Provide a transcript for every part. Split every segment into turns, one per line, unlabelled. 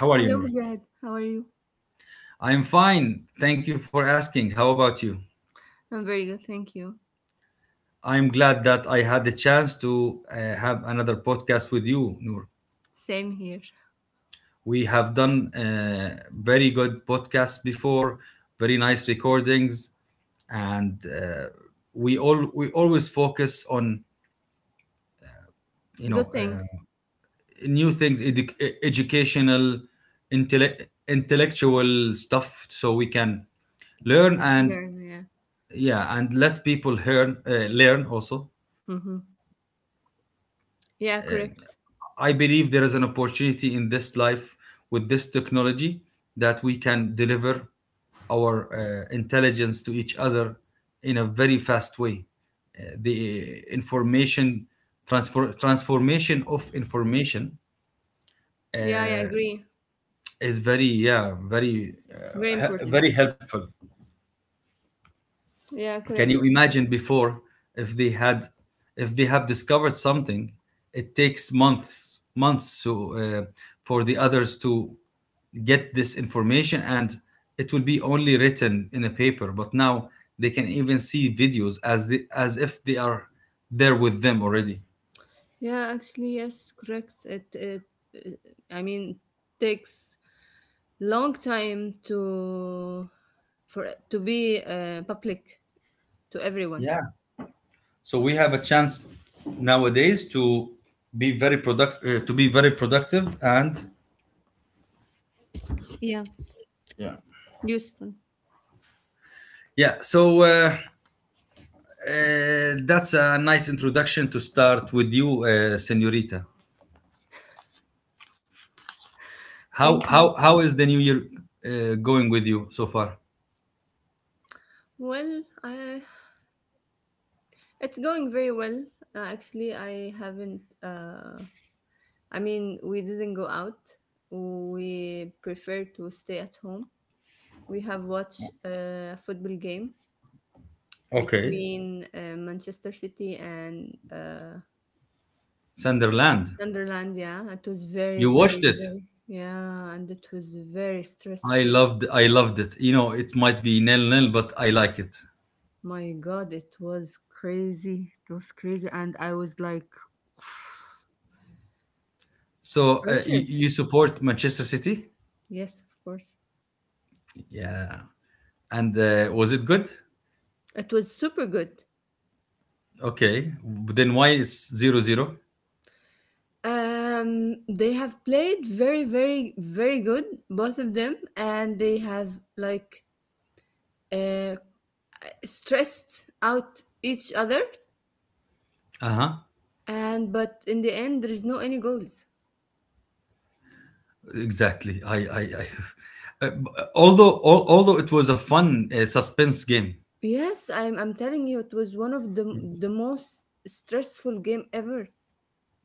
How
Hello,
are you, Noor?
Mujahid. How are you?
I'm fine. Thank you for asking. How about you?
I'm very good, thank you.
I'm glad that I had the chance to have another podcast with you, Noor.
Same here.
We have done very good podcasts before, very nice recordings, and we always focus on you know
Good
uh,
things
new things educational intellectual stuff so we can learn
to
and
learn, yeah.
yeah, and let people learn learn also.
Mm-hmm. Yeah, correct.
I believe there is an opportunity in this life with this technology that we can deliver our intelligence to each other in a very fast way. Uh, the information transfer transformation of information
Yeah, I
uh,
agree.
is very yeah, very
Very important.
very helpful.
Yeah,
Can
correct.
you imagine before if they had, if they have discovered something, it takes months to for the others to get this information, and it will be only written in a paper, but now they can even see videos as as if they are there with them already.
Yeah, actually, yes, correct. It, I mean, takes long time to for to be public to everyone.
Yeah, so we have a chance nowadays to be very product to be very productive and
Yeah,
yeah.
useful.
Yeah, so uh, that's a nice introduction to start with you, Senorita.
Thank you.
How is the new year going with you so far?
Well, it's going very well. Actually, I haven't. I mean, we didn't go out. We prefer to stay at home. We have watched a football game
Okay.
between Manchester City and
Sunderland.
Sunderland. Yeah, it was very,
You
very,
watched it.
very, yeah, and it was very stressful.
I loved it. You know, it might be nil nil, but I like it.
My God, it was crazy. It was crazy. And I was like
So
pressured.
you support Manchester City?
Yes, of course.
Yeah. And was it good?
It was super good.
Okay. Then why is zero zero?
They have played very, very, very good, both of them, and they have like uh, stressed out each other.
Uh huh.
And but in the end, there is no any goals.
Exactly. I although it was a fun suspense game.
Yes, I'm telling you, it was one of the most stressful game ever.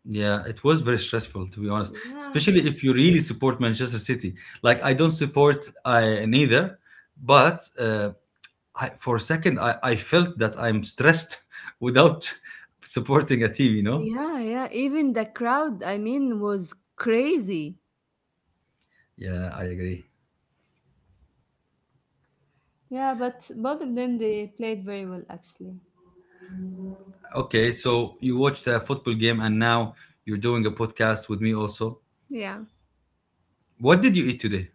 Yeah, it was very stressful to be honest,
Yeah.
especially if you really support Manchester City. Like I don't support I neither, but for a second I felt that I'm stressed without supporting a team. You know?
Yeah, yeah. Even the crowd, I mean, was crazy.
Yeah, I agree.
Yeah, but both of them they played very well actually.
Okay, so you watched a football game and now you're doing a podcast with me also.
Yeah.
What did you eat today?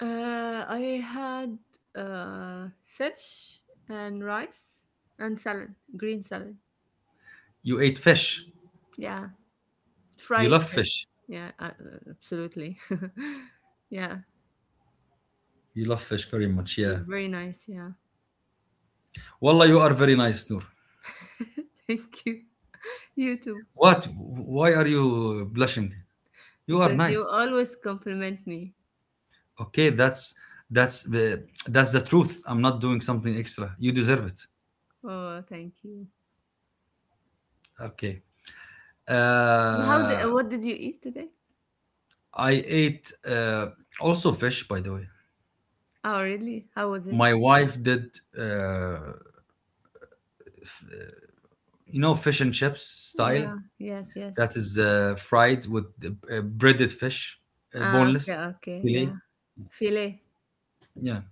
I had fish and rice and salad, green salad.
You ate fish.
Yeah,
You
fried
love
fish.
fish.
Yeah, absolutely. Yeah,
You love fish very much,
it
yeah.
was very nice. Yeah,
Wallah, you are very nice, Noor.
thank you. You too,
What? Why are you blushing? You are
because you
nice.
always compliment me.
Okay, that's the truth. I'm not doing something extra. You deserve it.
Oh, thank you.
Okay.
And
Uh,
what did you eat today?
I ate also fish, by the way.
Oh, really? How was it?
My wife did, you know, fish and chips
Yeah.
style.
Yes. Yes.
That is fried with breaded fish,
Ah. Okay.
boneless
Okay. Yeah.
filet.
Filet.
Yeah.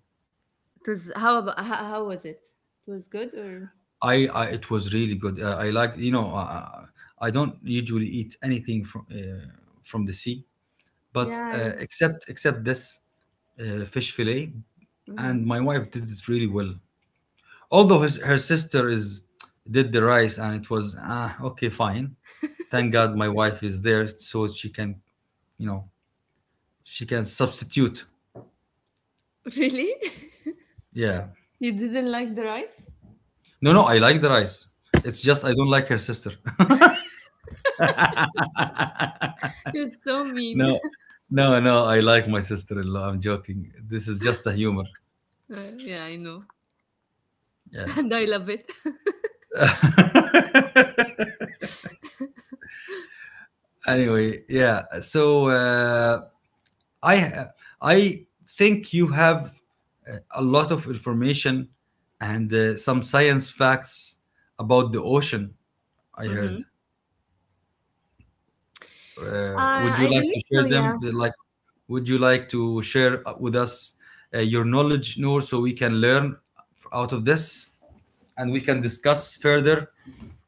It was. How about? How was it? It was good or?
I it was really good. I like I don't usually eat anything from the sea, but
Yeah.
except this fish fillet, and
Mhm.
my wife did it really well. Although her sister is did the rice, and it was ah, okay, fine. Thank God my wife is there, so she can you know she can substitute.
Really?
Yeah,
You didn't like the rice?
no, I like the rice. It's just I don't like her sister.
You're so mean.
No, no, no. I like my sister-in-law. I'm joking. This is just a humor.
Yeah, I know.
Yeah.
And I love it.
Anyway, yeah. So I I think you have a lot of information and some science facts about the ocean. I
Mm-hmm.
heard. Would you
I
like to
believe so,
share them?
yeah.
Like, would you like to share with us your knowledge, Noor, so we can learn out of this, and we can discuss further?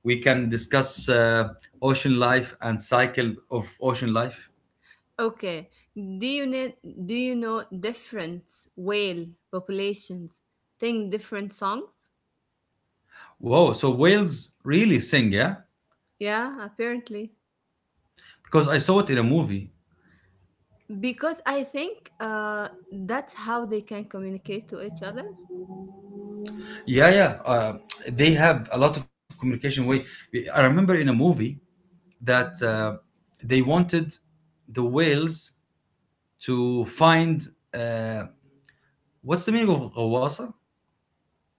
We can discuss ocean life and cycle of ocean life.
Okay. Do you know different whale populations sing different songs?
Whoa! So whales really sing, yeah?
Yeah, apparently.
Because I saw it in a movie.
Because I think that's how they can communicate to each other.
Yeah, yeah. They have a lot of communication way. I remember in a movie that they wanted the whales to find uh, what's the meaning of غواصة?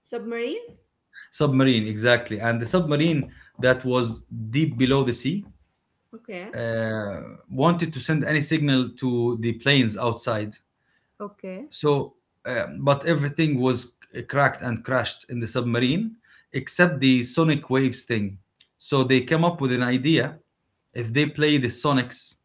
Submarine?
Submarine, exactly. And the submarine that was deep below the sea
Okay.
uh, wanted to send any signal to the planes outside.
Okay.
So, but everything was cracked and crashed in the submarine except the sonic waves thing. So they came up with an idea. If they play the sonics,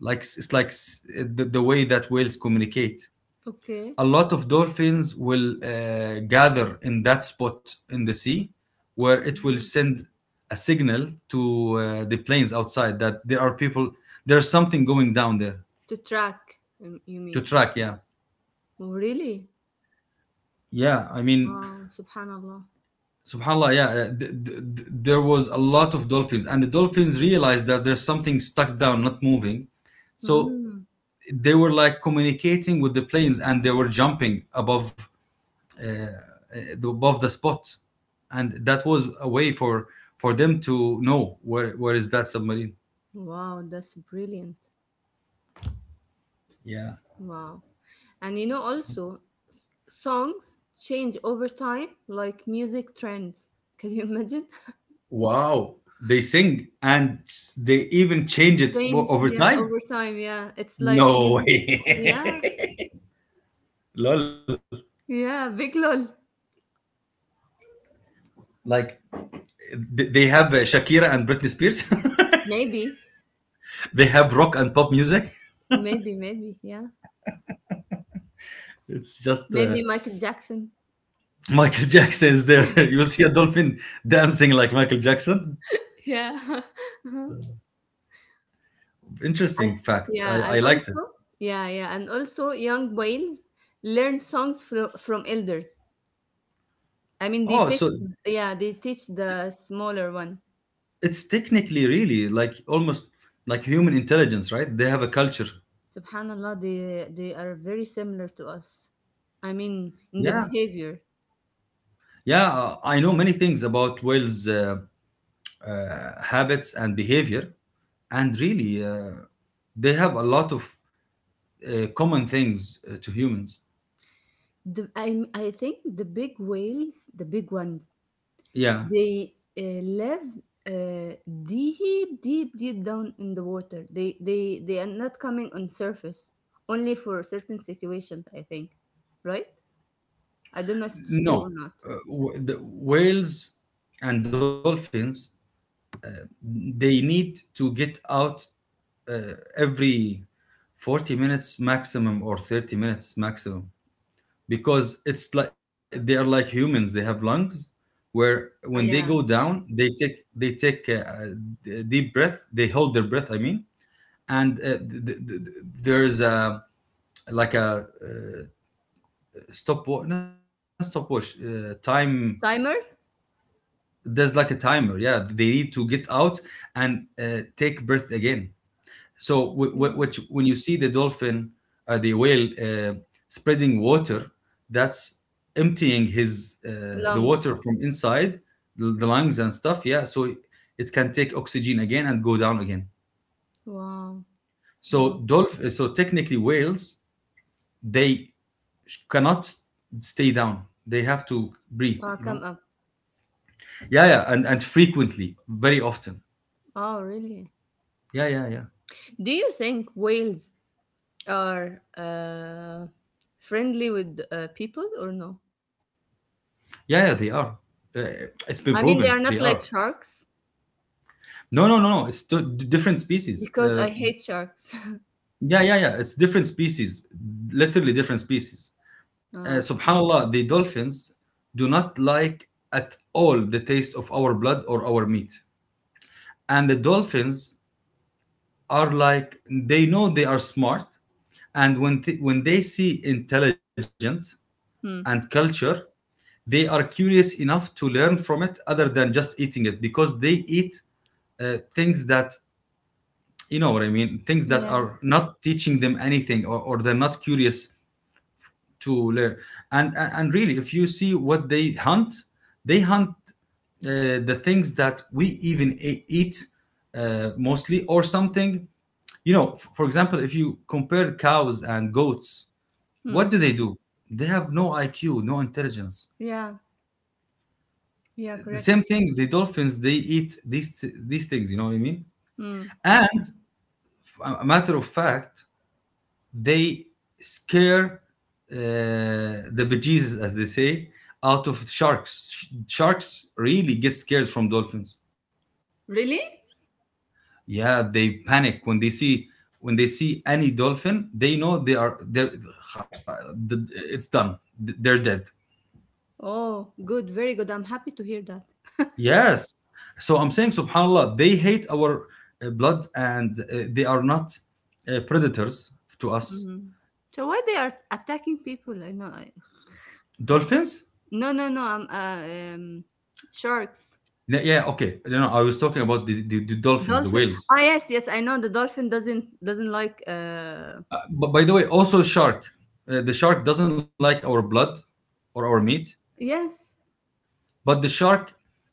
like it's the way that whales communicate,
Okay.
a lot of dolphins will gather in that spot in the sea, where it will send a signal to the planes outside that there are people, there's something going down there,
To track, you
to
mean?
track, yeah.
Oh, really?
Yeah, I mean,
Wow, subhanallah.
subhanallah, yeah. There was a lot of dolphins, and the dolphins realized that there's something stuck down, not moving, so
Hmm.
they were like communicating with the planes, and they were jumping above the spot. And that was a way for them to know where is that submarine.
Wow, that's brilliant.
Yeah.
Wow. And you know, also, songs change over time, like music trends. Can you imagine?
Wow, they sing and they even change it
Change,
over
yeah,
time.
over time, yeah. It's like
No
music, yeah,
way. Lol.
yeah, big lol.
Like, they have Shakira and Britney Spears.
Maybe,
They have rock and pop music.
maybe, maybe, yeah.
It's just
Maybe Michael Jackson.
Michael Jackson is there. You'll see a dolphin dancing like Michael Jackson.
Yeah. And
Interesting fact,
yeah,
I
and
liked it.
also, yeah, yeah, and also young whales learn songs from elders. I mean, they
Oh, so
teach, yeah, they teach the smaller one.
it's technically really like almost like human intelligence, right? They have a culture.
Subhanallah, they are very similar to us. I mean, in the
Yeah.
behavior,
Yeah. I know many things about whales' habits and behavior. And really, they have a lot of common things to humans.
the, I think the big whales, the big ones,
Yeah.
they live uh, deep, deep, deep down in the water. They are not coming on surface, only for certain situations. I think, right? I don't know if it's true or
No.
not.
The whales and dolphins, they need to get out every 40 minutes maximum or 30 minutes maximum. Because it's like they are like humans, they have lungs, where when they go
Yeah.
down they take a deep breath, they hold their breath, I mean. And there's a like a stopwatch not stopwatch time
Timer.
there's like a timer, yeah. They need to get out and take breath again. So
Okay.
when you see the dolphin, the whale spreading water, that's emptying his the
Lungs.
water from inside the lungs and stuff, yeah. So it can take oxygen again and go down again.
Wow. Wow.
Technically whales, they cannot s- stay down, they have to breathe, you
Come
know.
up.
Yeah, yeah, and frequently, very often.
Oh, really?
Yeah, yeah, yeah.
Do you think whales are friendly with people or no?
Yeah, yeah, they are it's been proven
I
they
mean, they are
are.
not like sharks
No, no, no, no. It's two different species.
because I hate sharks.
Yeah, yeah, yeah. It's different species. Literally different species.
Oh, okay.
Subhanallah, the dolphins do not like at all the taste of our blood or our meat. And the dolphins are like they know, they are smart, and when they see intelligence and
Hmm.
culture, they are curious enough to learn from it, other than just eating it. Because they eat things that, you know what I mean, things that
Yeah.
are not teaching them anything, or they're not curious to learn. And, and really if you see what they hunt, they hunt the things that we even eat mostly or something, you know. For example, if you compare cows and goats, what
Hmm.
do they do? They have no IQ, no intelligence.
Yeah. Yeah.
The
Correct.
same thing, the dolphins, they eat these things, you know what I mean.
Hmm.
And a matter of fact, they scare uh, the bejesus, as they say, out of sharks. Sharks really get scared from dolphins.
Really?
Yeah, they panic when they see, when they see any dolphin. They know they're, it's done. They're dead.
Oh, good. Very good. I'm happy to hear that.
Yes. So I'm saying, subhanAllah, they hate our blood and they are not predators to us.
Hmm. So why they are attacking people? I know.
Dolphins?
No, no, no. I'm sharks.
Yeah, yeah, okay. No, no, I was talking about the dolphins, the
Dolphin.
whales.
Ah, yes, yes, I know the dolphin doesn't like
But by the way, also shark. The shark doesn't like our blood or our meat,
yes.
but the shark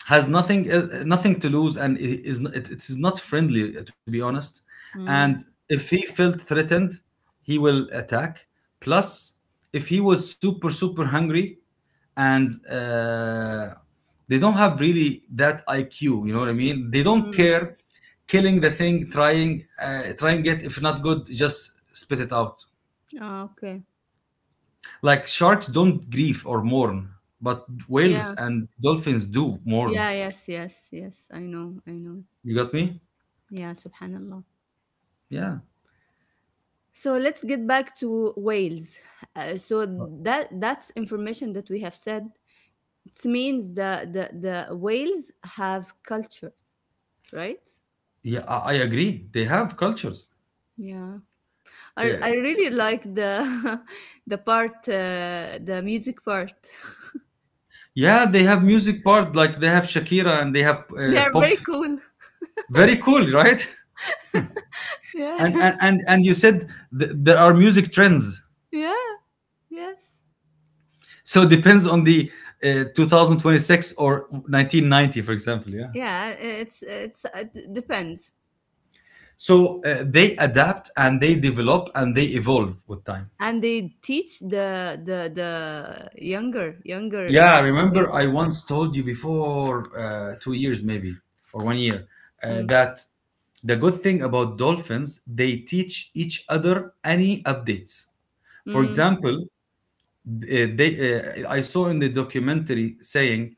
has nothing to lose, and it is not friendly, to be honest. And
Mm.
if he felt threatened, he will attack. Plus, if he was super hungry, and they don't have really that IQ. You know what I mean? They don't
Mm.
care killing the thing, trying trying it. If not good, just spit it out.
Ah, okay.
Like sharks don't grieve or mourn, but whales
Yeah.
and dolphins do mourn.
Yeah, yes, yes, yes. I know. I know.
You got me?
Yeah, subhanallah.
Yeah.
So let's get back to whales. So that's information that we have said. It means the whales have cultures, right?
Yeah, I agree. They have cultures.
Yeah. I
Yeah.
I really like the the music part.
Yeah, they have music part, like they have Shakira and they have
They are
pop.
very cool.
Very cool, right?
Yeah.
And you said there are music trends.
Yeah, yes.
So it depends on the 2026 or 1990, for example. Yeah.
Yeah, it depends.
So they adapt and they develop and they evolve with time.
And they teach the younger
Yeah, I
way.
remember I once told you before 2 years maybe or one year
Mm,
that the good thing about dolphins, they teach each other any updates. For
mm,
example, they I saw in the documentary saying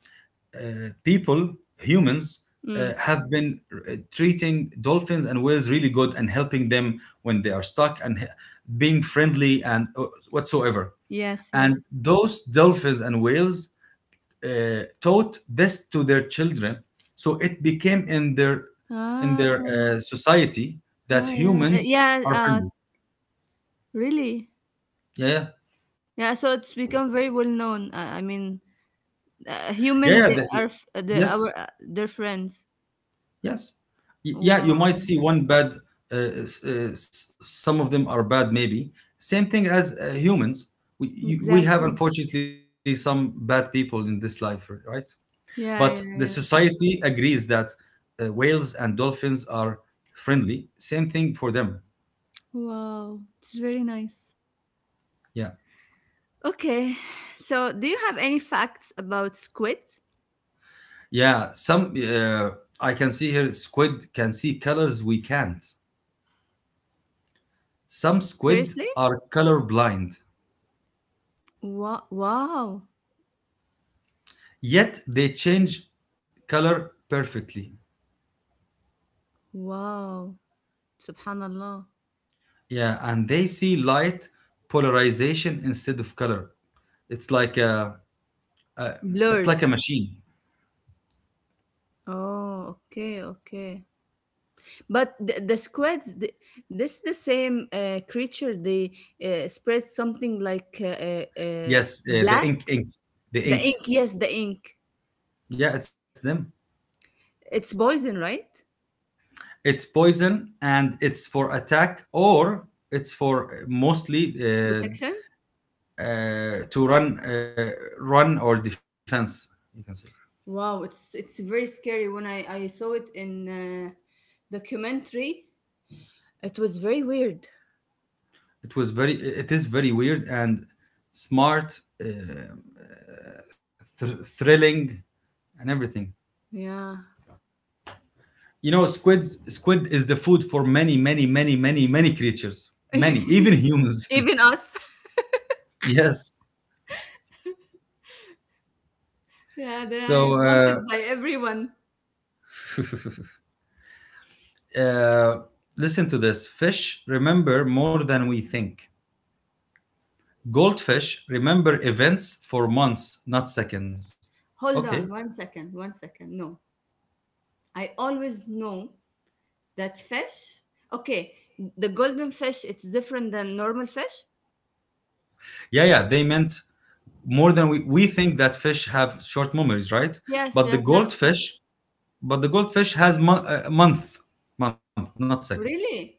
people humans
mm.
have been treating dolphins and whales really good and helping them when they are stuck and being friendly and whatsoever.
Yes,
And
yes.
those dolphins and whales taught this to their children, so it became in their
Ah,
society that
oh yeah.
humans
Yeah,
are friendly.
really.
Yeah, yeah,
Yeah, so it's become very well known. I mean,
yeah, yeah,
human they are
yes,
their friends.
yes, yeah, you might
Wow.
see one bad, uh, s- uh, s- some of them are bad maybe, same thing as humans. We have,
Exactly.
unfortunately, some bad people in this life, right? But the
Yeah, yeah, yeah.
society agrees that whales and dolphins are friendly, same thing for them.
Wow. It's very nice.
Yeah.
Okay. So, do you have any facts about squids?
Yeah, some I can see here squid can see colors we can't. Some squid
Seriously?
are color blind,
Wow. Wow.
yet they change color perfectly.
Wow. Subhanallah.
Yeah, and they see light polarization instead of color. It's like a, a it's like a
Blurred.
machine.
Oh, okay, okay. But the squids, the, this the same creature. They spread something like
Yes, the
black. The
ink.
ink, yes, the ink.
Yeah, it's them.
It's poison, right?
It's poison, and it's for attack, or it's for mostly
Protection.
to run or defense, you can say.
Wow, it's very scary. When I saw it in documentary, it was very weird.
It was very it is very weird and smart, thrilling and everything.
Yeah.
you know squid squid is the food for many, many, many, many, many creatures, many, even humans.
Even us.
Yes,
Yeah, they are
so,
wanted by everyone.
uh, listen to this. Fish remember more than we think. Goldfish remember events for months, not seconds.
Hold
Okay.
on one second, one second. No. I always know that fish. Okay, the golden fish, it's different than normal fish.
Yeah, yeah, they meant more than we think that fish have short memories, right? But
Yes,
the
yes, that's what.
goldfish, has month, not seconds.
Really?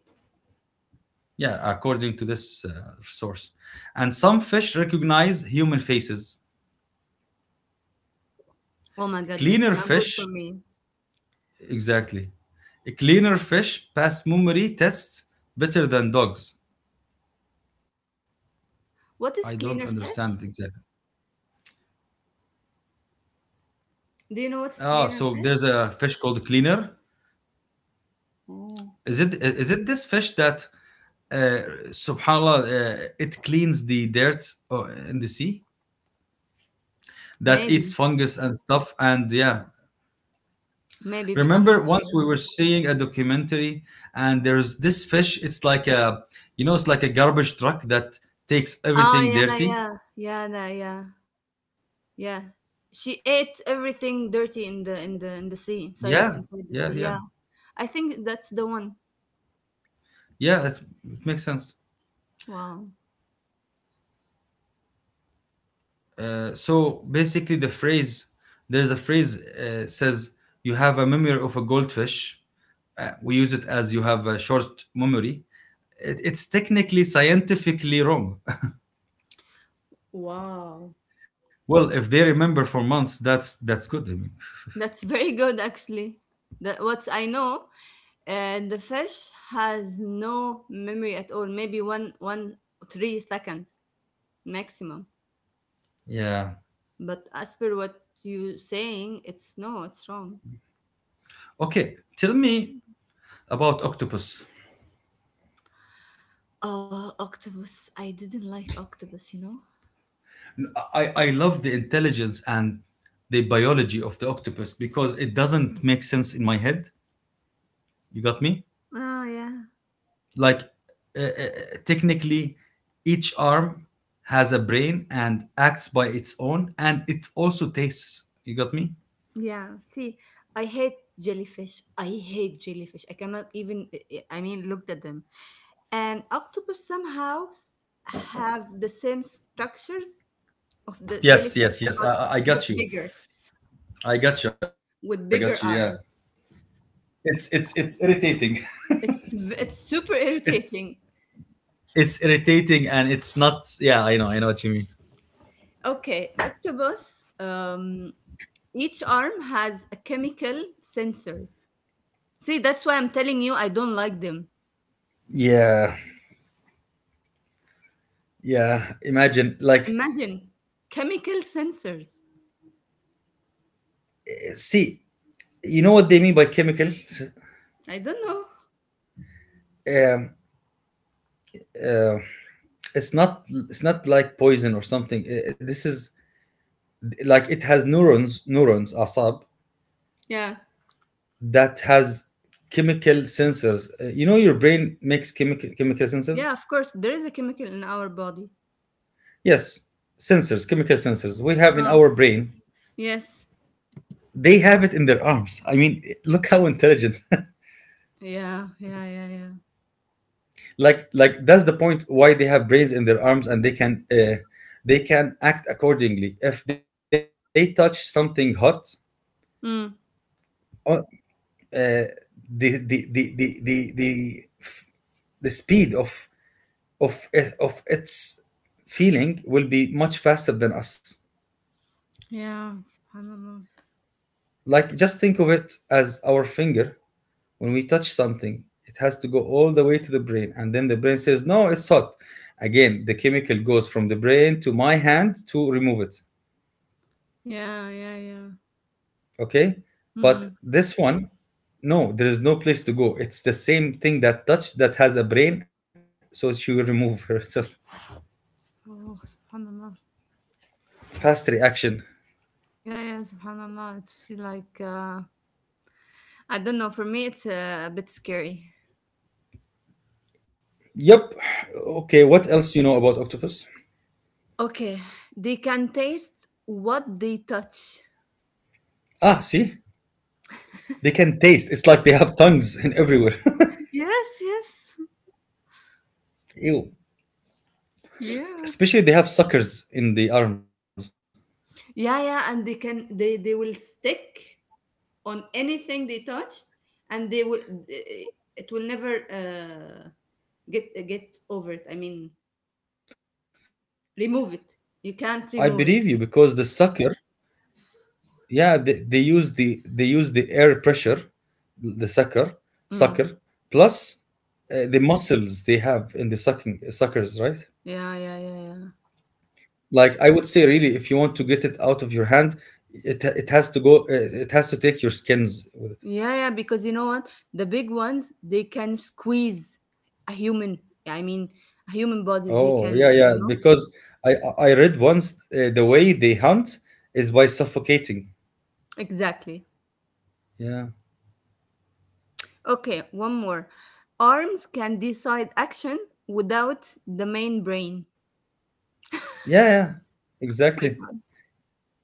Yeah, according to this source. And some fish recognize human faces.
Oh my God, that's
Cleaner
not good for
fish,
me.
exactly. A cleaner fish pass memory tests better than dogs. I
What
don't
is cleaner
understand
fish?
exactly.
Do you know what's
Ah, so
cleaner
there's
fish?
a fish called cleaner.
Oh,
Is it this fish that uh, subhanallah, it cleans the dirt in the sea, that eats
maybe,
fungus and stuff, and yeah.
maybe, I'm
Remember
not
once
sure.
we were seeing a documentary, and there's this fish, it's like a garbage truck that takes
Ah,
everything
yeah,
dirty.
yeah, yeah, yeah, yeah. Yeah. She ate everything dirty in the sea,
Yeah,
inside the
yeah,
sea.
yeah,
Yeah. I think that's the one.
yeah, it makes sense.
Wow.
So basically, the phrase, there's a phrase says, "You have a memory of a goldfish." We use it as, "You have a short memory." It's technically, scientifically wrong.
Wow.
Well, if they remember for months, that's good, I mean.
That's very good, actually. That what I know, the fish has no memory at all. Maybe 3 seconds maximum.
Yeah.
But as per what you saying, it's no, it's wrong.
Okay, tell me about octopus.
Oh, octopus! I didn't like octopus. You know.
I love the intelligence and the biology of the octopus because it doesn't make sense in my head, you got me.
Oh yeah.
Like, uh, uh, technically, each arm has a brain and acts by its own, and it also tastes, you got me.
Yeah, see, I hate jellyfish. I hate jellyfish. I cannot even, I mean, looked at them. And octopus somehow have the same structures of the
Yes,
jellyfish,
yes, yes, i,
but
I I
but
got you,
bigger,
I got you, I got you, yeah.
with bigger arms.
It's irritating.
It's v- it's
it's
super irritating.
it's irritating and it's not, yeah, I know, what you mean.
Okay, octopus. Each arm has a chemical sensors. See, that's why I'm telling you I don't like them.
Yeah, yeah, imagine, like,
Imagine chemical sensors.
see, you know what they mean by chemical.
I don't know.
um uh, it's not, like poison or something. This is like, it has neurons, asab,
Yeah.
that has chemical sensors. You know, your brain makes chemical sensors.
Yeah, of course, there is a chemical in our body.
Yes, sensors, chemical sensors we have in
Uh,
our brain.
Yes.
They have it in their arms. I mean, look how intelligent.
Yeah, yeah, yeah, yeah.
Like that's the point, why they have brains in their arms, and they can, they can act accordingly. If they touch something hot,
Mm.
uh, the, the, the, the, the, the, the speed of of its feeling will be much faster than us.
Yeah, subhanallah.
Like, just think of it as our finger. When we touch something, it has to go all the way to the brain, and then the brain says, "No, it's hot." Again, the chemical goes from the brain to my hand to remove it.
Yeah, yeah, yeah.
Okay, but
Mm.
this one, no, there is no place to go. It's the same thing that touched that has a brain, so she will remove herself.
Oh, subhanallah.
Fast reaction.
Yeah, yeah, subhanallah. It's like, I don't know, for me, it's a bit scary.
Yep. Okay. What else do you know about octopus?
Okay, they can taste what they touch.
Ah, see, they can taste. It's like they have tongues in everywhere.
Yes, yes.
Ew.
Yeah.
Especially they have suckers in the arms.
Yeah, yeah, and they will stick on anything they touch, and they will it will never get over it. I mean,
I believe you.
remove
Because the
it you
sucker,
can't remove it.
yeah, they use the air pressure, the sucker, plus
Mm.
the muscles they have in the sucking suckers, right?
Yeah, yeah, yeah, yeah.
Like, I would say, really, if you want to get it out of your hand, it has to go. It has to take your skins with it.
Yeah, yeah, because you know what? The big ones, they can squeeze a human, I mean, a human body. They
Oh, yeah,
can, you
yeah.
know?
Because I I read once, the way they hunt is by suffocating.
Exactly.
Yeah.
Okay, one more. Arms can decide actions without the main brain.
Yeah, yeah.
My
Exactly.
God.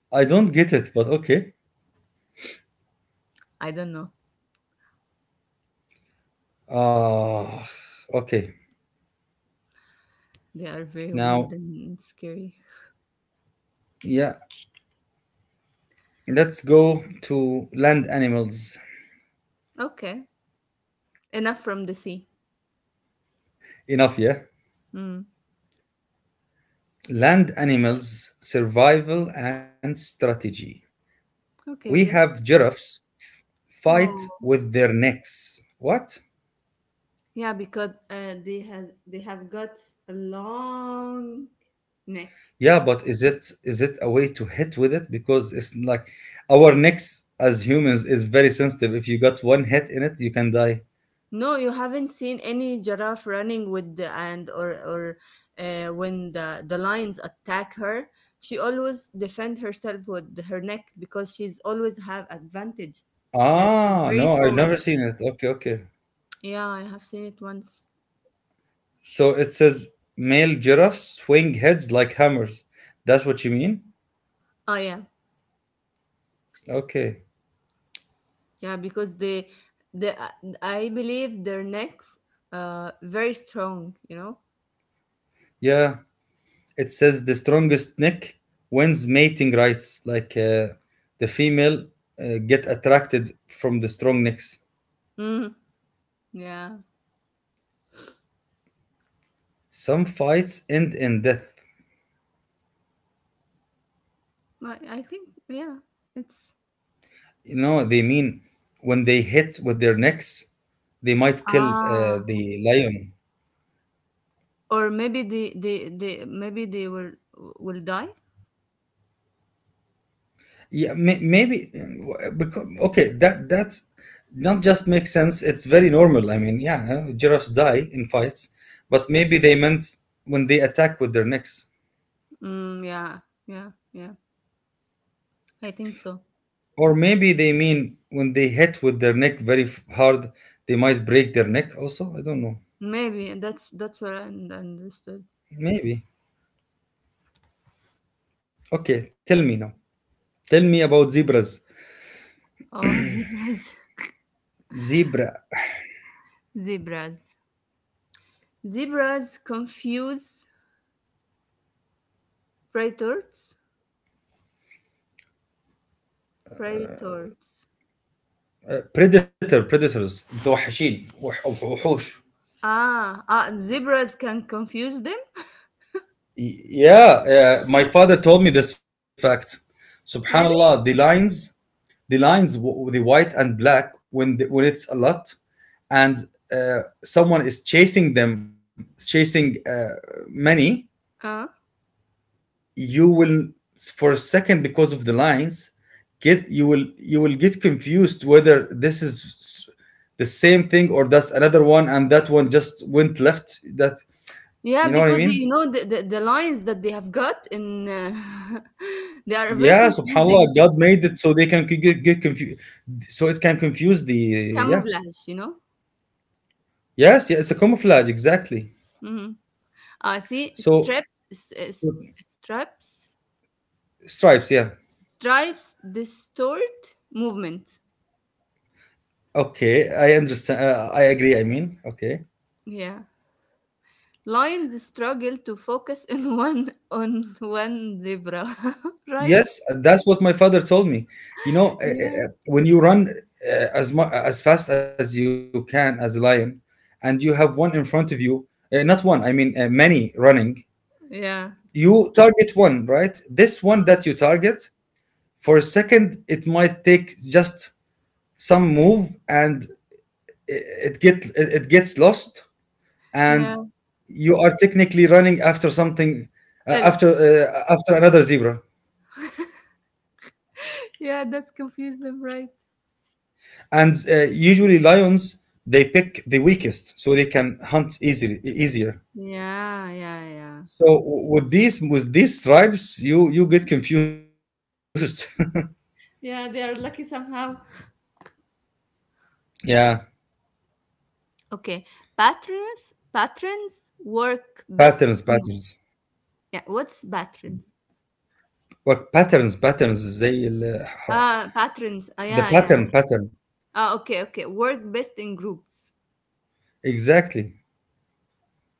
I don't get it, but okay.
I don't know.
Ah, okay.
They are very
Now,
weird and scary.
yeah, let's go to land animals.
Okay, enough from the sea.
Enough, yeah.
Mm.
Land animals, survival and strategy. We
Okay, good.
have giraffes fight
Oh,
with their necks. What?
yeah, because they have got a long neck.
Yeah, but is it a way to hit with it? Because it's like our necks as humans is very sensitive. If you got one hit in it, you can die.
No, you haven't seen any giraffe running with the and or when the lions attack her. She always defend herself with her neck because she's always have advantage that she's
Ah,
very
no, I've
tall.
never seen it. Okay, okay.
Yeah, I have seen it once.
So it says male giraffes swing heads like hammers. That's what you mean?
Oh yeah.
Okay.
Yeah, because they, uh, I believe their necks, very strong. You know.
Yeah. It says the strongest neck wins mating rights. Like, the female get attracted from the strong necks.
Mm, yeah,
Some fights end in death.
I think yeah, it's
You know, they mean, when they hit with their necks, they might kill,
ah,
the lion.
or maybe maybe they will die.
Yeah, maybe. Because, okay, that's not, just makes sense. It's very normal. I mean, yeah, huh, giraffes die in fights, but maybe they meant when they attack with their necks,
Mm, yeah, yeah, yeah. I think so.
or maybe they mean when they hit with their neck very hard, they might break their neck. Also, I don't know.
Maybe that's what I understood.
Maybe. Okay, tell me now. Tell me about zebras.
Oh, zebras,
Zebra.
zebras, zebras confuse predators, predators.
Predators, متوحشين, وحوش.
Zebras can confuse them?
Yeah, my father told me this fact. subhanallah,
Really?
the lines, the white and black. When the, when it's a lot, and someone is chasing them, chasing many,
Uh,
you will, for a second, because of the lines, get you will get confused whether this is, the same thing, or that's another one, and that one just went left. That,
yeah,
you know what
because
I mean?
you know the lines that they have got in they are very
Yeah,
confusing
subhanAllah, God made it so they can, get confused, so it can confuse yeah.
camouflage, you know.
Yes, yeah, it's a camouflage, exactly.
Mm-hmm. See, straps,
So,
s- s- straps,
stripes, yeah.
stripes distort movement.
Okay, I understand. I agree, I mean, okay.
Yeah, lions struggle to focus in one on one zebra, right?
Yes, that's what my father told me. You know,
Yeah,
when you run, as mu- as fast as you can, as a lion, and you have one in front of you, not one, I mean many running,
yeah,
you target one, right? This one
mm,
that you target, for a second, it might take just some move, and it gets lost, and
yeah.
you are technically running after something,
Else.
after another zebra.
Yeah, that's confused them, right?
And usually lions, they pick the weakest, so they can hunt easily, easier.
Yeah, yeah, yeah.
So with these stripes, you get confused.
Yeah, they are lucky somehow.
Yeah,
Okay. Patrons work best.
patterns,
Yeah, what's patrons?
what? Patterns, زي
Ah, patrons. Ah,
the
yeah, yeah,
pattern
yeah.
pattern
Ah, okay, okay. Work best in groups.
exactly.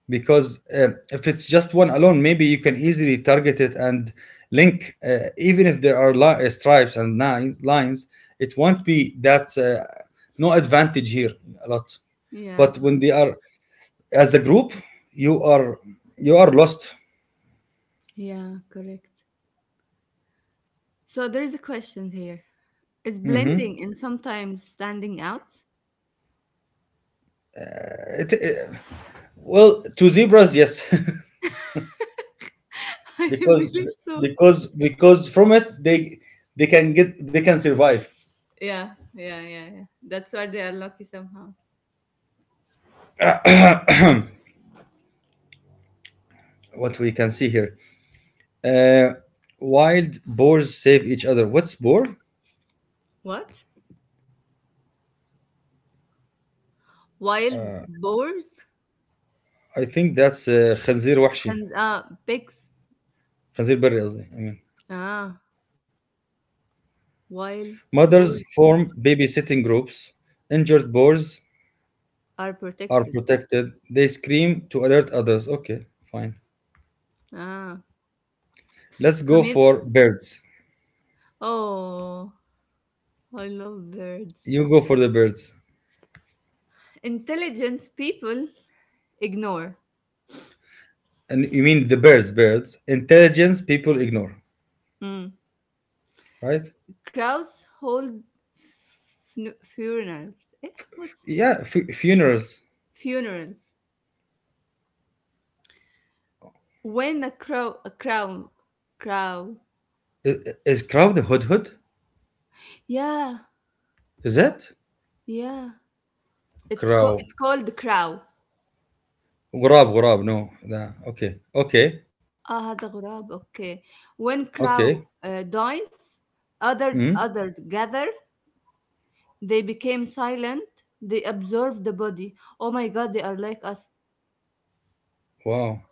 Because if it's just one alone, maybe you can easily target it. And link, even if there are, stripes and nine lines, it won't be that, no advantage here a lot.
Yeah,
But when
correct.
they are as a group, you are you are lost.
Yeah, correct. So there is a question here. Is blending and sometimes standing out?
it, it- well, to zebras, yes.
I
because
believe so.
because from it, they can get they can survive.
Yeah, yeah, yeah, yeah. That's why they are lucky somehow.
What we can see here, uh, wild boars save each other. What's boar?
What? Wild boars?
I think that's خنزير وحشي,
And pigs,
خنزير بري, قصدي, I mean.
ah, wild
Mothers
boar
form babysitting groups. Injured boars
are
are
protected.
protected. They scream to alert others. Okay, fine.
Ah,
Let's go
commun.
for birds.
Oh, I love birds.
You go for the birds.
Intelligence people ignore.
And you mean the birds, intelligence people ignore,
Mm.
right?
Crows hold funerals. What's
Yeah, funerals.
funerals? When a crow, crow.
I- is crow the hudhud?
Yeah,
Is it
yeah. It co-
crow?
it called crow.
غراب غراب, no, لا. Okay, okay,
Ah, the غراب. Okay. When
okay.
crow dies, other
Mm.
other gather. They became silent. They observe the body. Oh my God, they are like us.
Wow.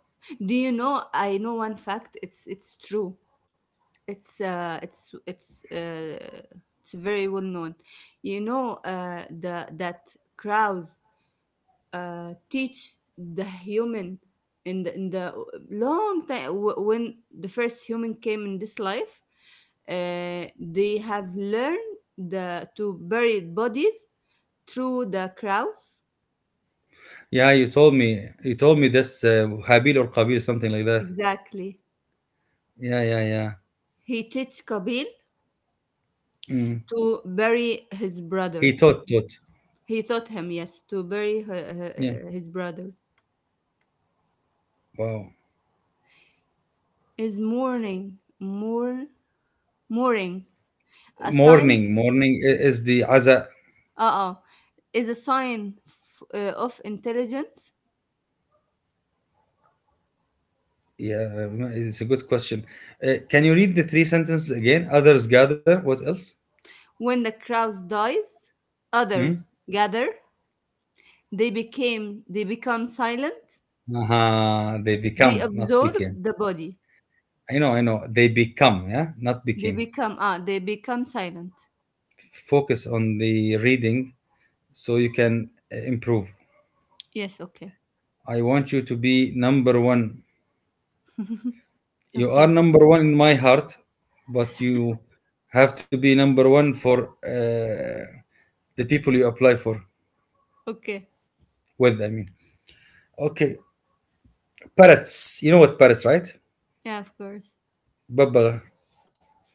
Do you know? I know one fact. It's true. It's uh it's it's uh it's very well known. You know the that crows teach the human in the long time when the first human came in this life. They have learned to bury bodies through the crowds.
Yeah, You told me this, Habil or Qabil, something like that.
Exactly.
Yeah, yeah, yeah.
He teach Kabil
Mm.
to bury his
He
brothers.
taught, taught.
He taught him, yes, to bury
Yeah.
his brothers.
Wow.
Is mourning, a sign?
Morning, is the Aza.
Uh-uh. Is a sign of intelligence.
Yeah, it's a good question. Can you read the three sentences again? Others gather. What else?
When the crowd dies,
Hmm?
others gather. They become silent.
Aha, they
They
become, not
observe
became.
the body.
I know, I know. They become, yeah, not
They
became.
become ah. They become silent.
Focus on the reading, so you can, improve.
Yes. Okay.
I want you to be number one. You are
Okay.
number one in my heart, but you have to be number one for, the people you apply for
Okay.
with. I mean, okay, parrots. You know what parrots, right?
Yeah. Of course.
Babbaga.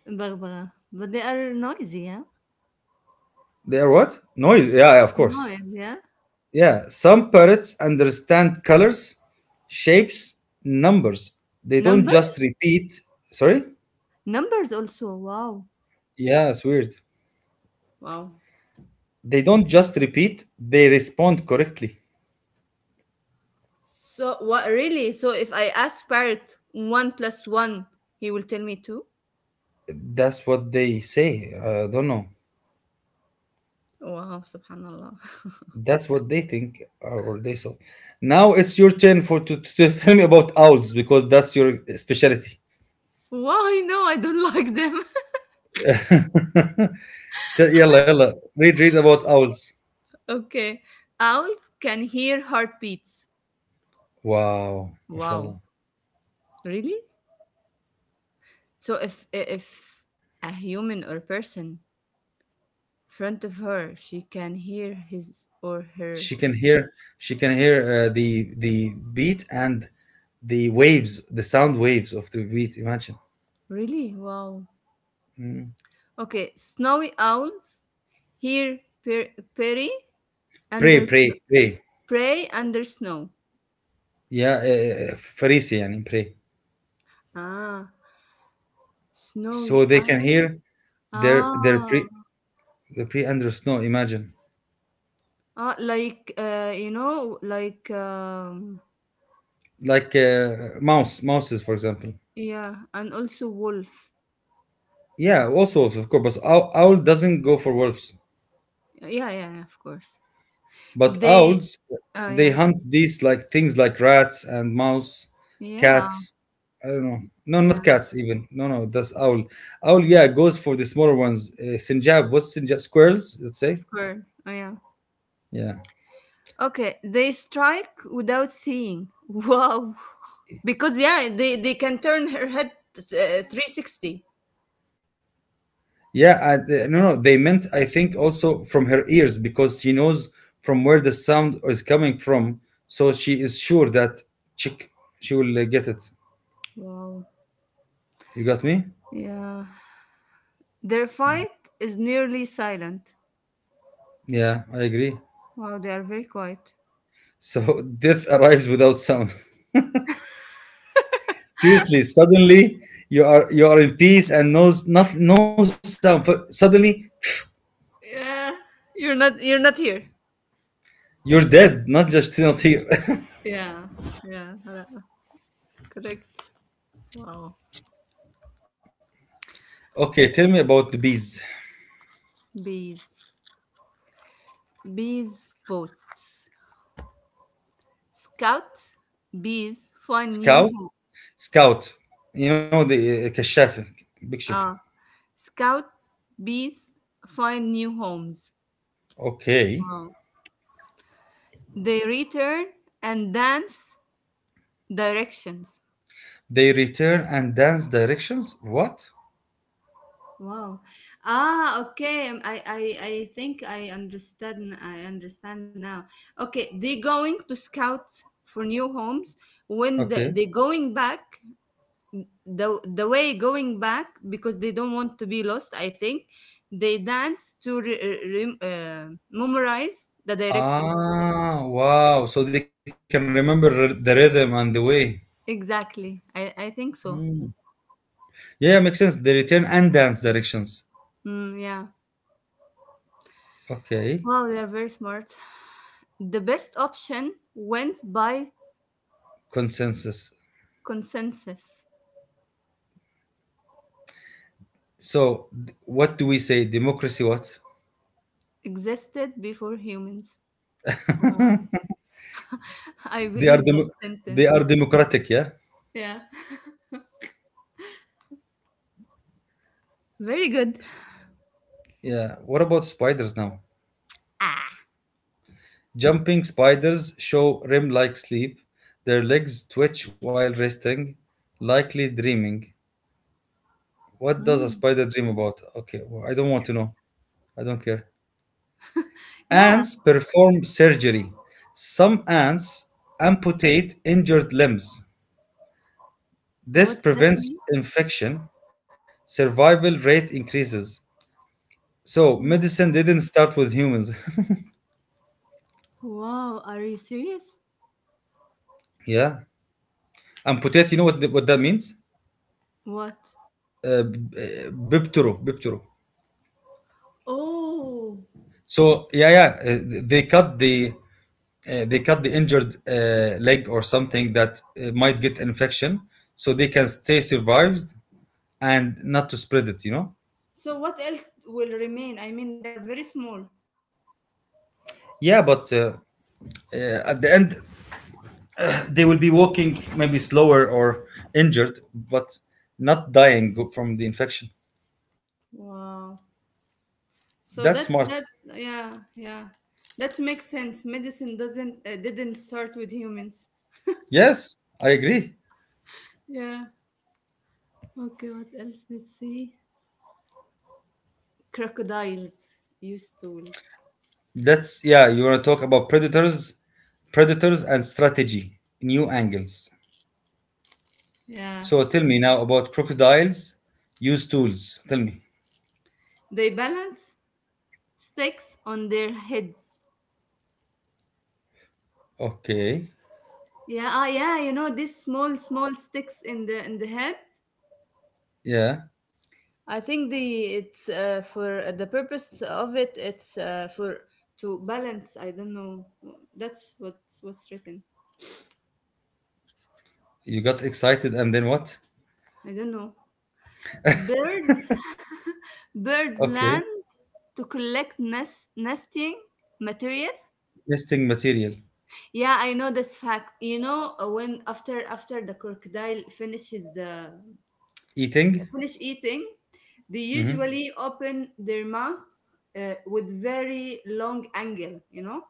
Barbara. But they are noisy. Yeah.
They are what? Noise. Yeah, yeah, of course.
Noise. Yeah.
Yeah, some parrots understand colors, shapes, numbers. They don't
Numbers.
just repeat. Sorry?
Numbers also. Wow.
Yeah, it's weird.
Wow.
They don't just repeat, they respond correctly.
So what? Really? So if I ask parrot one plus one, he will tell me two.
That's what they say. I don't know.
Wow. Subhanallah.
That's what they think, or they saw. Now, it's your turn for, to tell me about owls, because that's your specialty.
Why? No, I don't like them.
يلا يلا, read about owls.
Okay. Owls can hear heartbeats.
Wow,
Wow.
mashallah.
Really? So if a human or person front of her, she can hear his or
She can
her.
hear the beat and the waves, the sound waves of the beat. Imagine.
Really? Wow. Okay. Snowy owls hear prey
Pray,
under snow.
pray, pray.
Prey under snow.
Yeah, فريسة يعني pray.
Ah, snowy
So they can
owl.
hear their their
Ah,
pre their pre under snow. Imagine
like you know, like
like mouses for example.
yeah, and also wolf.
Yeah, also wolves, of course. But owl doesn't go for wolves.
Yeah, yeah, yeah, of course.
But
They.
owls,
Oh
they
yeah,
hunt these like things like rats and mouse,
yeah,
cats. I don't know. No,
yeah.
not cats even. No, no, that's owl. Owl, yeah, goes for the smaller ones. Sinjab, what's Sinjab? Squirrels, let's say.
Squirrel. Oh yeah.
Yeah,
Okay, they strike without seeing. Wow. Because yeah, they can turn her head 360.
yeah. No, no, they meant I think also from her ears because she knows from where the sound is coming from, so she is sure that chick, she will get it.
Wow.
You got me?
Yeah. Their fight is nearly silent.
Yeah, I agree.
Wow, they are very quiet.
So death arrives without sound. Seriously, suddenly you are in peace and no sound. Suddenly
Yeah. You're not here.
you're dead, not just not here.
Yeah. Yeah. Correct. Wow.
Okay, tell me about the bees.
Bees. Bees votes. Scout bees find new
Scout,
home.
scout. You know the كشاف, بيكشفوا.
Ah. Scout bees find new homes.
Okay.
Wow. They return and dance directions.
They return and dance directions. What?
Wow. Ah, okay. I think I understand. I understand now. Okay, they going to scout for new homes.
Okay.
They going back, the way going back because they don't want to be lost. I think they dance to memorize the direction.
Ah, wow. So they can remember the rhythm and the way.
Exactly. I think so.
Yeah, makes sense. They return and dance directions.
Mm, yeah.
Okay.
Wow, they are very smart. The best option went by
Consensus.
consensus
So, what do we say? Democracy? What?
existed before humans. Wow. I
They are
believe that
demo- They
sentence.
are democratic. Yeah.
Yeah. Very
S-
good.
Yeah. What about spiders now? Jumping spiders show REM-like sleep. Their legs twitch while resting, likely dreaming. What does a
Mm.
spider dream about? Okay, well, I don't want to know. I don't care.
Yeah.
Ants perform surgery. Some ants amputate injured limbs.
What's
This
that mean?
prevents infection. Survival rate increases. So medicine didn't start with humans.
Wow. Are you serious?
Yeah. And potato, you know what, what that means?
What?
Biptero, biptero.
Oh.
So yeah, yeah, they cut the injured leg or something that might get infection, so they can stay survived and not to spread it. You know.
So what else will remain? I mean, they are very small.
Yeah, but at the end they will be walking maybe slower or injured, but not dying from the infection.
Wow.
That's
So
smart.
that's yeah, yeah. That makes sense. Medicine doesn't didn't start with humans.
Yes, I agree.
Yeah. Okay, what else? Let's see. Crocodiles use tools.
That's yeah, you want to talk about predators and strategy, new angles.
Yeah.
So tell me now about crocodiles use tools. Tell me.
They balance sticks on their heads.
Okay.
Yeah, ah, yeah, you know these small, small sticks in the head.
Yeah.
I think the it's for the purpose of it. It's for to balance. I don't know. That's what's written.
You got excited and then what?
I don't know. Birds, bird
Okay.
land to collect nesting material.
Nesting material.
Yeah, I know this fact. You know, when after after the crocodile
Eating?
finish eating, they
Mm-hmm.
usually open their mouth with very long angle. You know,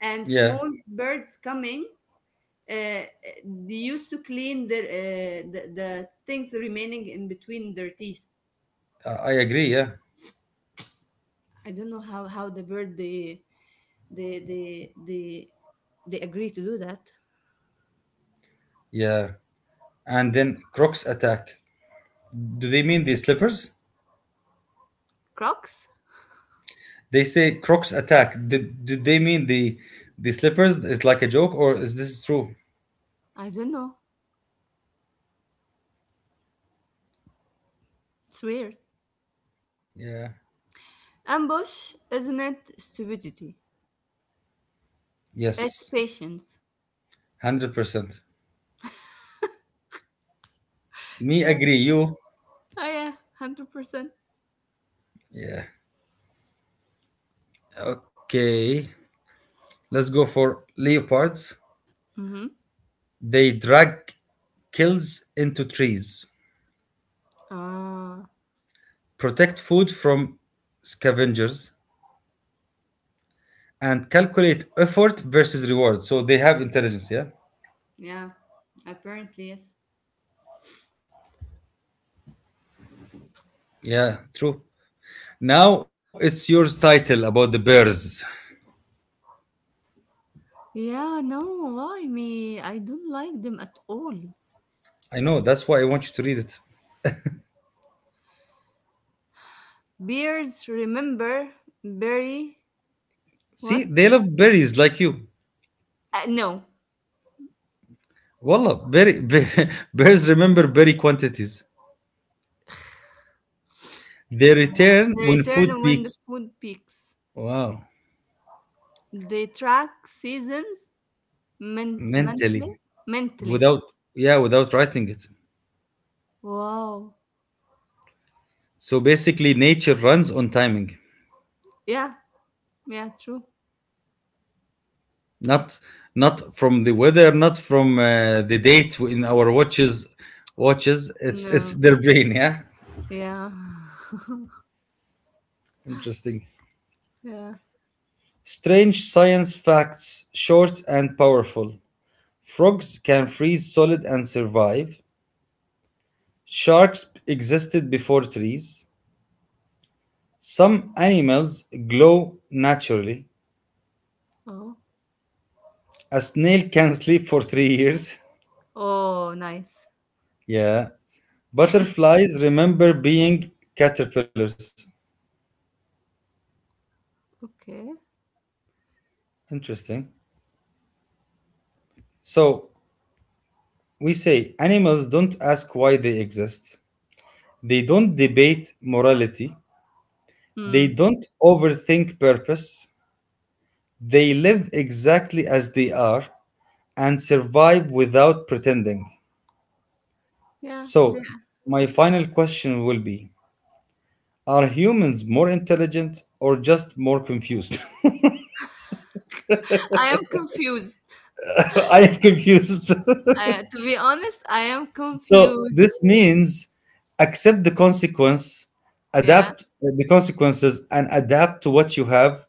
and
Yeah.
small birds coming. Uh, uh, they used to clean their the things remaining in between their teeth.
I agree, yeah.
I don't know how the bird they they agree to do that.
Yeah. And then crocs attack. Do they mean the slippers?
Crocs?
They say crocs attack. Did they mean the slippers is like a joke or is this true?
I don't know. It's weird.
Yeah.
Ambush isn't it stupidity, it's
Yes.
patience.
100%. Me
Yeah.
agree. You.
Oh, yeah. 100%.
Yeah. Okay. Let's go for leopards.
Mm-hmm.
They drag kills into trees,
Ah.
protect food from scavengers, and calculate effort versus reward. So they have intelligence. Yeah.
Yeah, apparently, yes.
Yeah. True. Now it's your title about the bears.
Yeah, no, why me? I don't like them at all.
I know. That's why I want you to read it.
Bears, remember, bury
See,
what?
they love berries like you.
No,
Wallah, berry, bears remember berry quantities. They return
they
when food
return when the
peaks.
food peaks.
Wow.
They track seasons mentally.
Mentally.
Mentally.
Without yeah, without writing it.
Wow.
So basically nature runs on timing.
Yeah, yeah, true.
Not not from the weather, not from the date in our watches. It's
No,
their brain, yeah.
yeah,
Interesting.
yeah.
Strange science facts, short and powerful. Frogs can freeze solid and survive. Sharks existed before trees. Some animals glow naturally.
Oh,
A snail can sleep for 3 years.
oh, nice.
Yeah. Butterflies remember being caterpillars.
Okay.
Interesting. So we say animals don't ask why they exist. They don't debate morality. They
Hmm.
don't overthink purpose. They live exactly as they are and survive without pretending.
Yeah.
So my final question will be, are humans more intelligent or just more confused?
I am confused.
I am confused.
I, to be honest, I am
So
confused.
this means accept the consequence,
Yeah.
adapt the consequences, and adapt to what you have,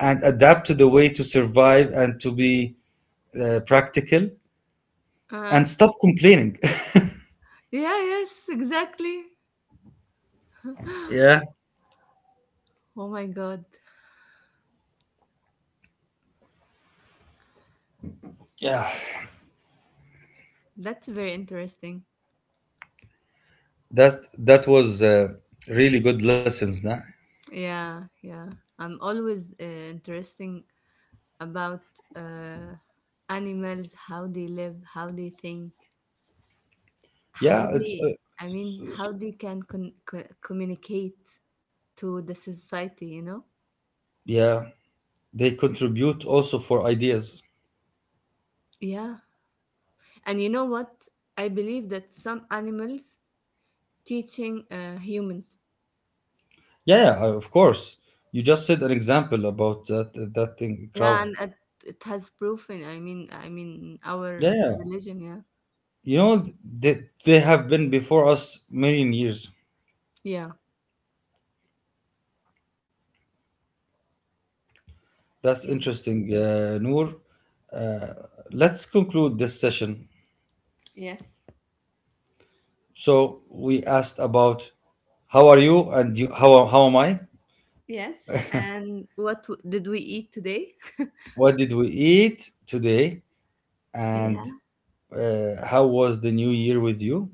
and adapt to the way to survive and to be practical,
Uh-huh.
and stop complaining.
Yeah, yes, exactly.
Yeah,
Oh my God.
yeah.
That's very interesting.
That was really good lessons, nah.
Yeah, yeah. I'm always interesting about uh, animals, how they live, how they think,
Yeah,
how
it's
they, I mean, how they can communicate to the society, you know?
yeah. They contribute also for ideas.
Yeah. And you know what? I believe that some animals teaching humans.
Yeah, yeah, of course. You just said an example about that thing,
Yeah,
crow.
and it has proven. I mean, our
Yeah, yeah.
religion. Yeah,
You know, they have been before us million years.
yeah,
That's
yeah.
interesting, Noor. Uh, let's conclude this session.
Yes,
So we asked about how are you and you, how am I?
yes. And what did we eat today?
What did we eat today? And
Yeah.
how was the new year with you?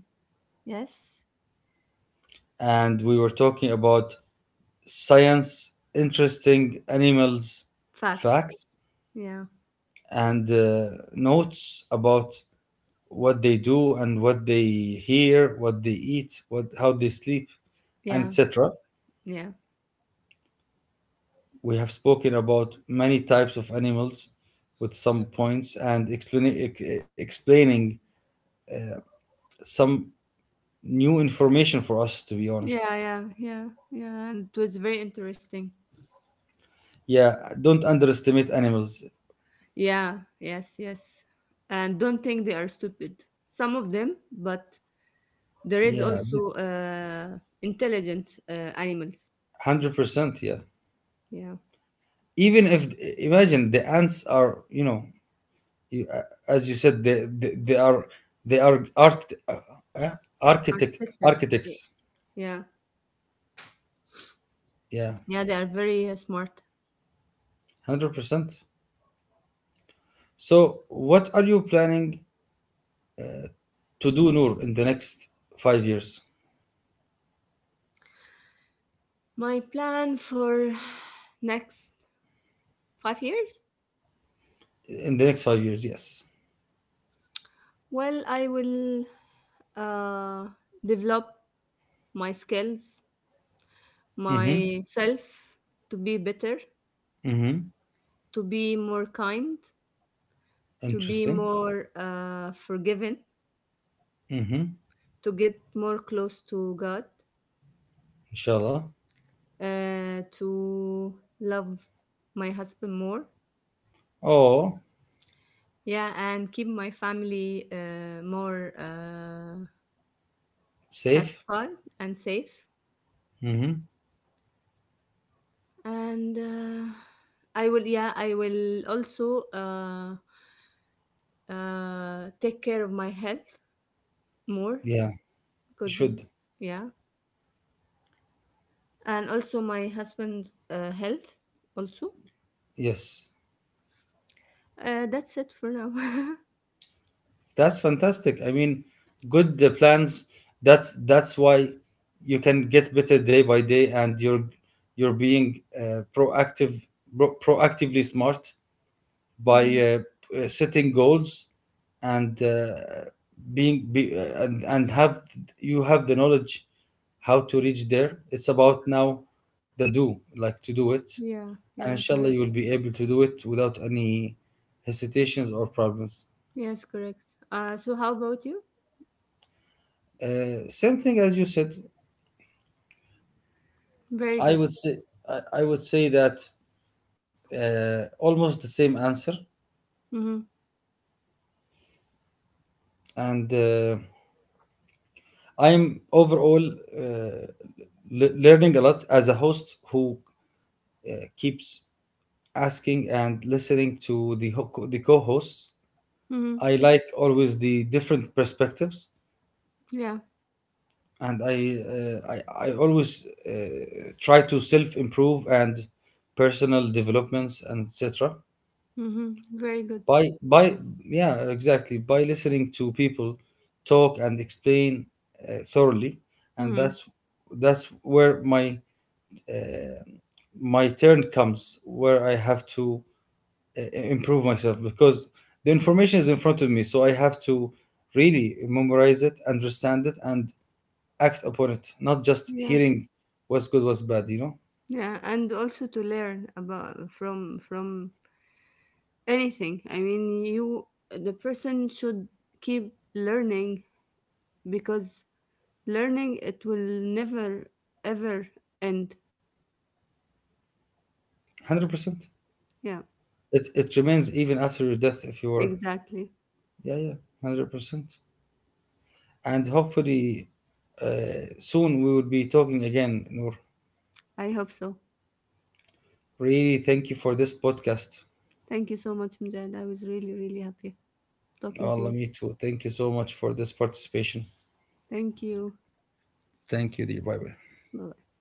Yes.
And we were talking about science, interesting animals,
Facts.
facts,
Yeah.
and notes about what they do and what they hear, what they eat, what how they sleep, and
Yeah.
etc.
Yeah.
We have spoken about many types of animals with some points and explaining some new information for us to be honest.
Yeah. Yeah. Yeah. Yeah. And it was very interesting.
Yeah, don't underestimate animals.
Yeah. Yes. Yes. And don't think they are stupid. Some of them, but there is
Yeah,
also intelligent animals.
100%, yeah.
Yeah.
Even if imagine the ants are, you know, you, uh, as you said they are art uh, architect
Architectures. Yeah.
architects.
Yeah.
Yeah.
Yeah, they are very smart.
100%. So, what are you planning to do, Noor, in the next 5 years?
My plan for next 5 years?
In the next 5 years, yes.
Well, I will uh, develop my skills,
Mm-hmm.
myself to be better,
Mm-hmm.
to be more kind, to be
Interesting.
more forgiven,
Mm-hmm.
to get more close to God,
Inshallah.
to love my husband more.
Oh,
Yeah, and keep my family more
safe.
satisfied and safe.
Mm-hmm.
And I will, yeah, I will also take care of my health more
Yeah, you
because,
should.
yeah, and also my husband's health also.
Yes,
That's it for now.
that's fantastic. I mean, good plans. That's why you can get better day by day, and you're being proactive, proactively smart. by
Mhm.
uh, uh, setting goals and being be, and have you have the knowledge how to reach there. It's about now the do like to do it,
Yeah,
and
yeah,
inshallah
correct.
you will be able to do it without any hesitations or problems.
Yes, correct. So how about you?
Same thing as you said.
Very
i
good.
would say I would say that almost the same answer,
Mm-hmm.
and I'm overall uh, learning a lot as a host who keeps asking and listening to the co-hosts.
Mm-hmm.
I like always the different perspectives,
Yeah.
and I always try to self improve and personal developments and etc.
Mm-hmm. Very good.
By yeah exactly by listening to people talk and explain thoroughly, and
Mm-hmm.
that's where my turn comes where I have to improve myself because the information is in front of me, so I have to really memorize it, understand it, and act upon it, not just
Yeah,
hearing what's good what's bad, you know.
yeah, and also to learn about from anything. I mean, you the person should keep learning because learning it will never ever end.
100%.
Yeah,
It, remains even after your death if you are,
exactly.
yeah, yeah. 100%. And hopefully soon we will be talking again, Noor.
I hope so.
Really thank you for this podcast.
Thank you so much, Mujahid. I was really happy talking to
Allah,
you.
me too, thank you so much for this participation.
Thank you.
Thank you, dear. Bye bye.
Bye.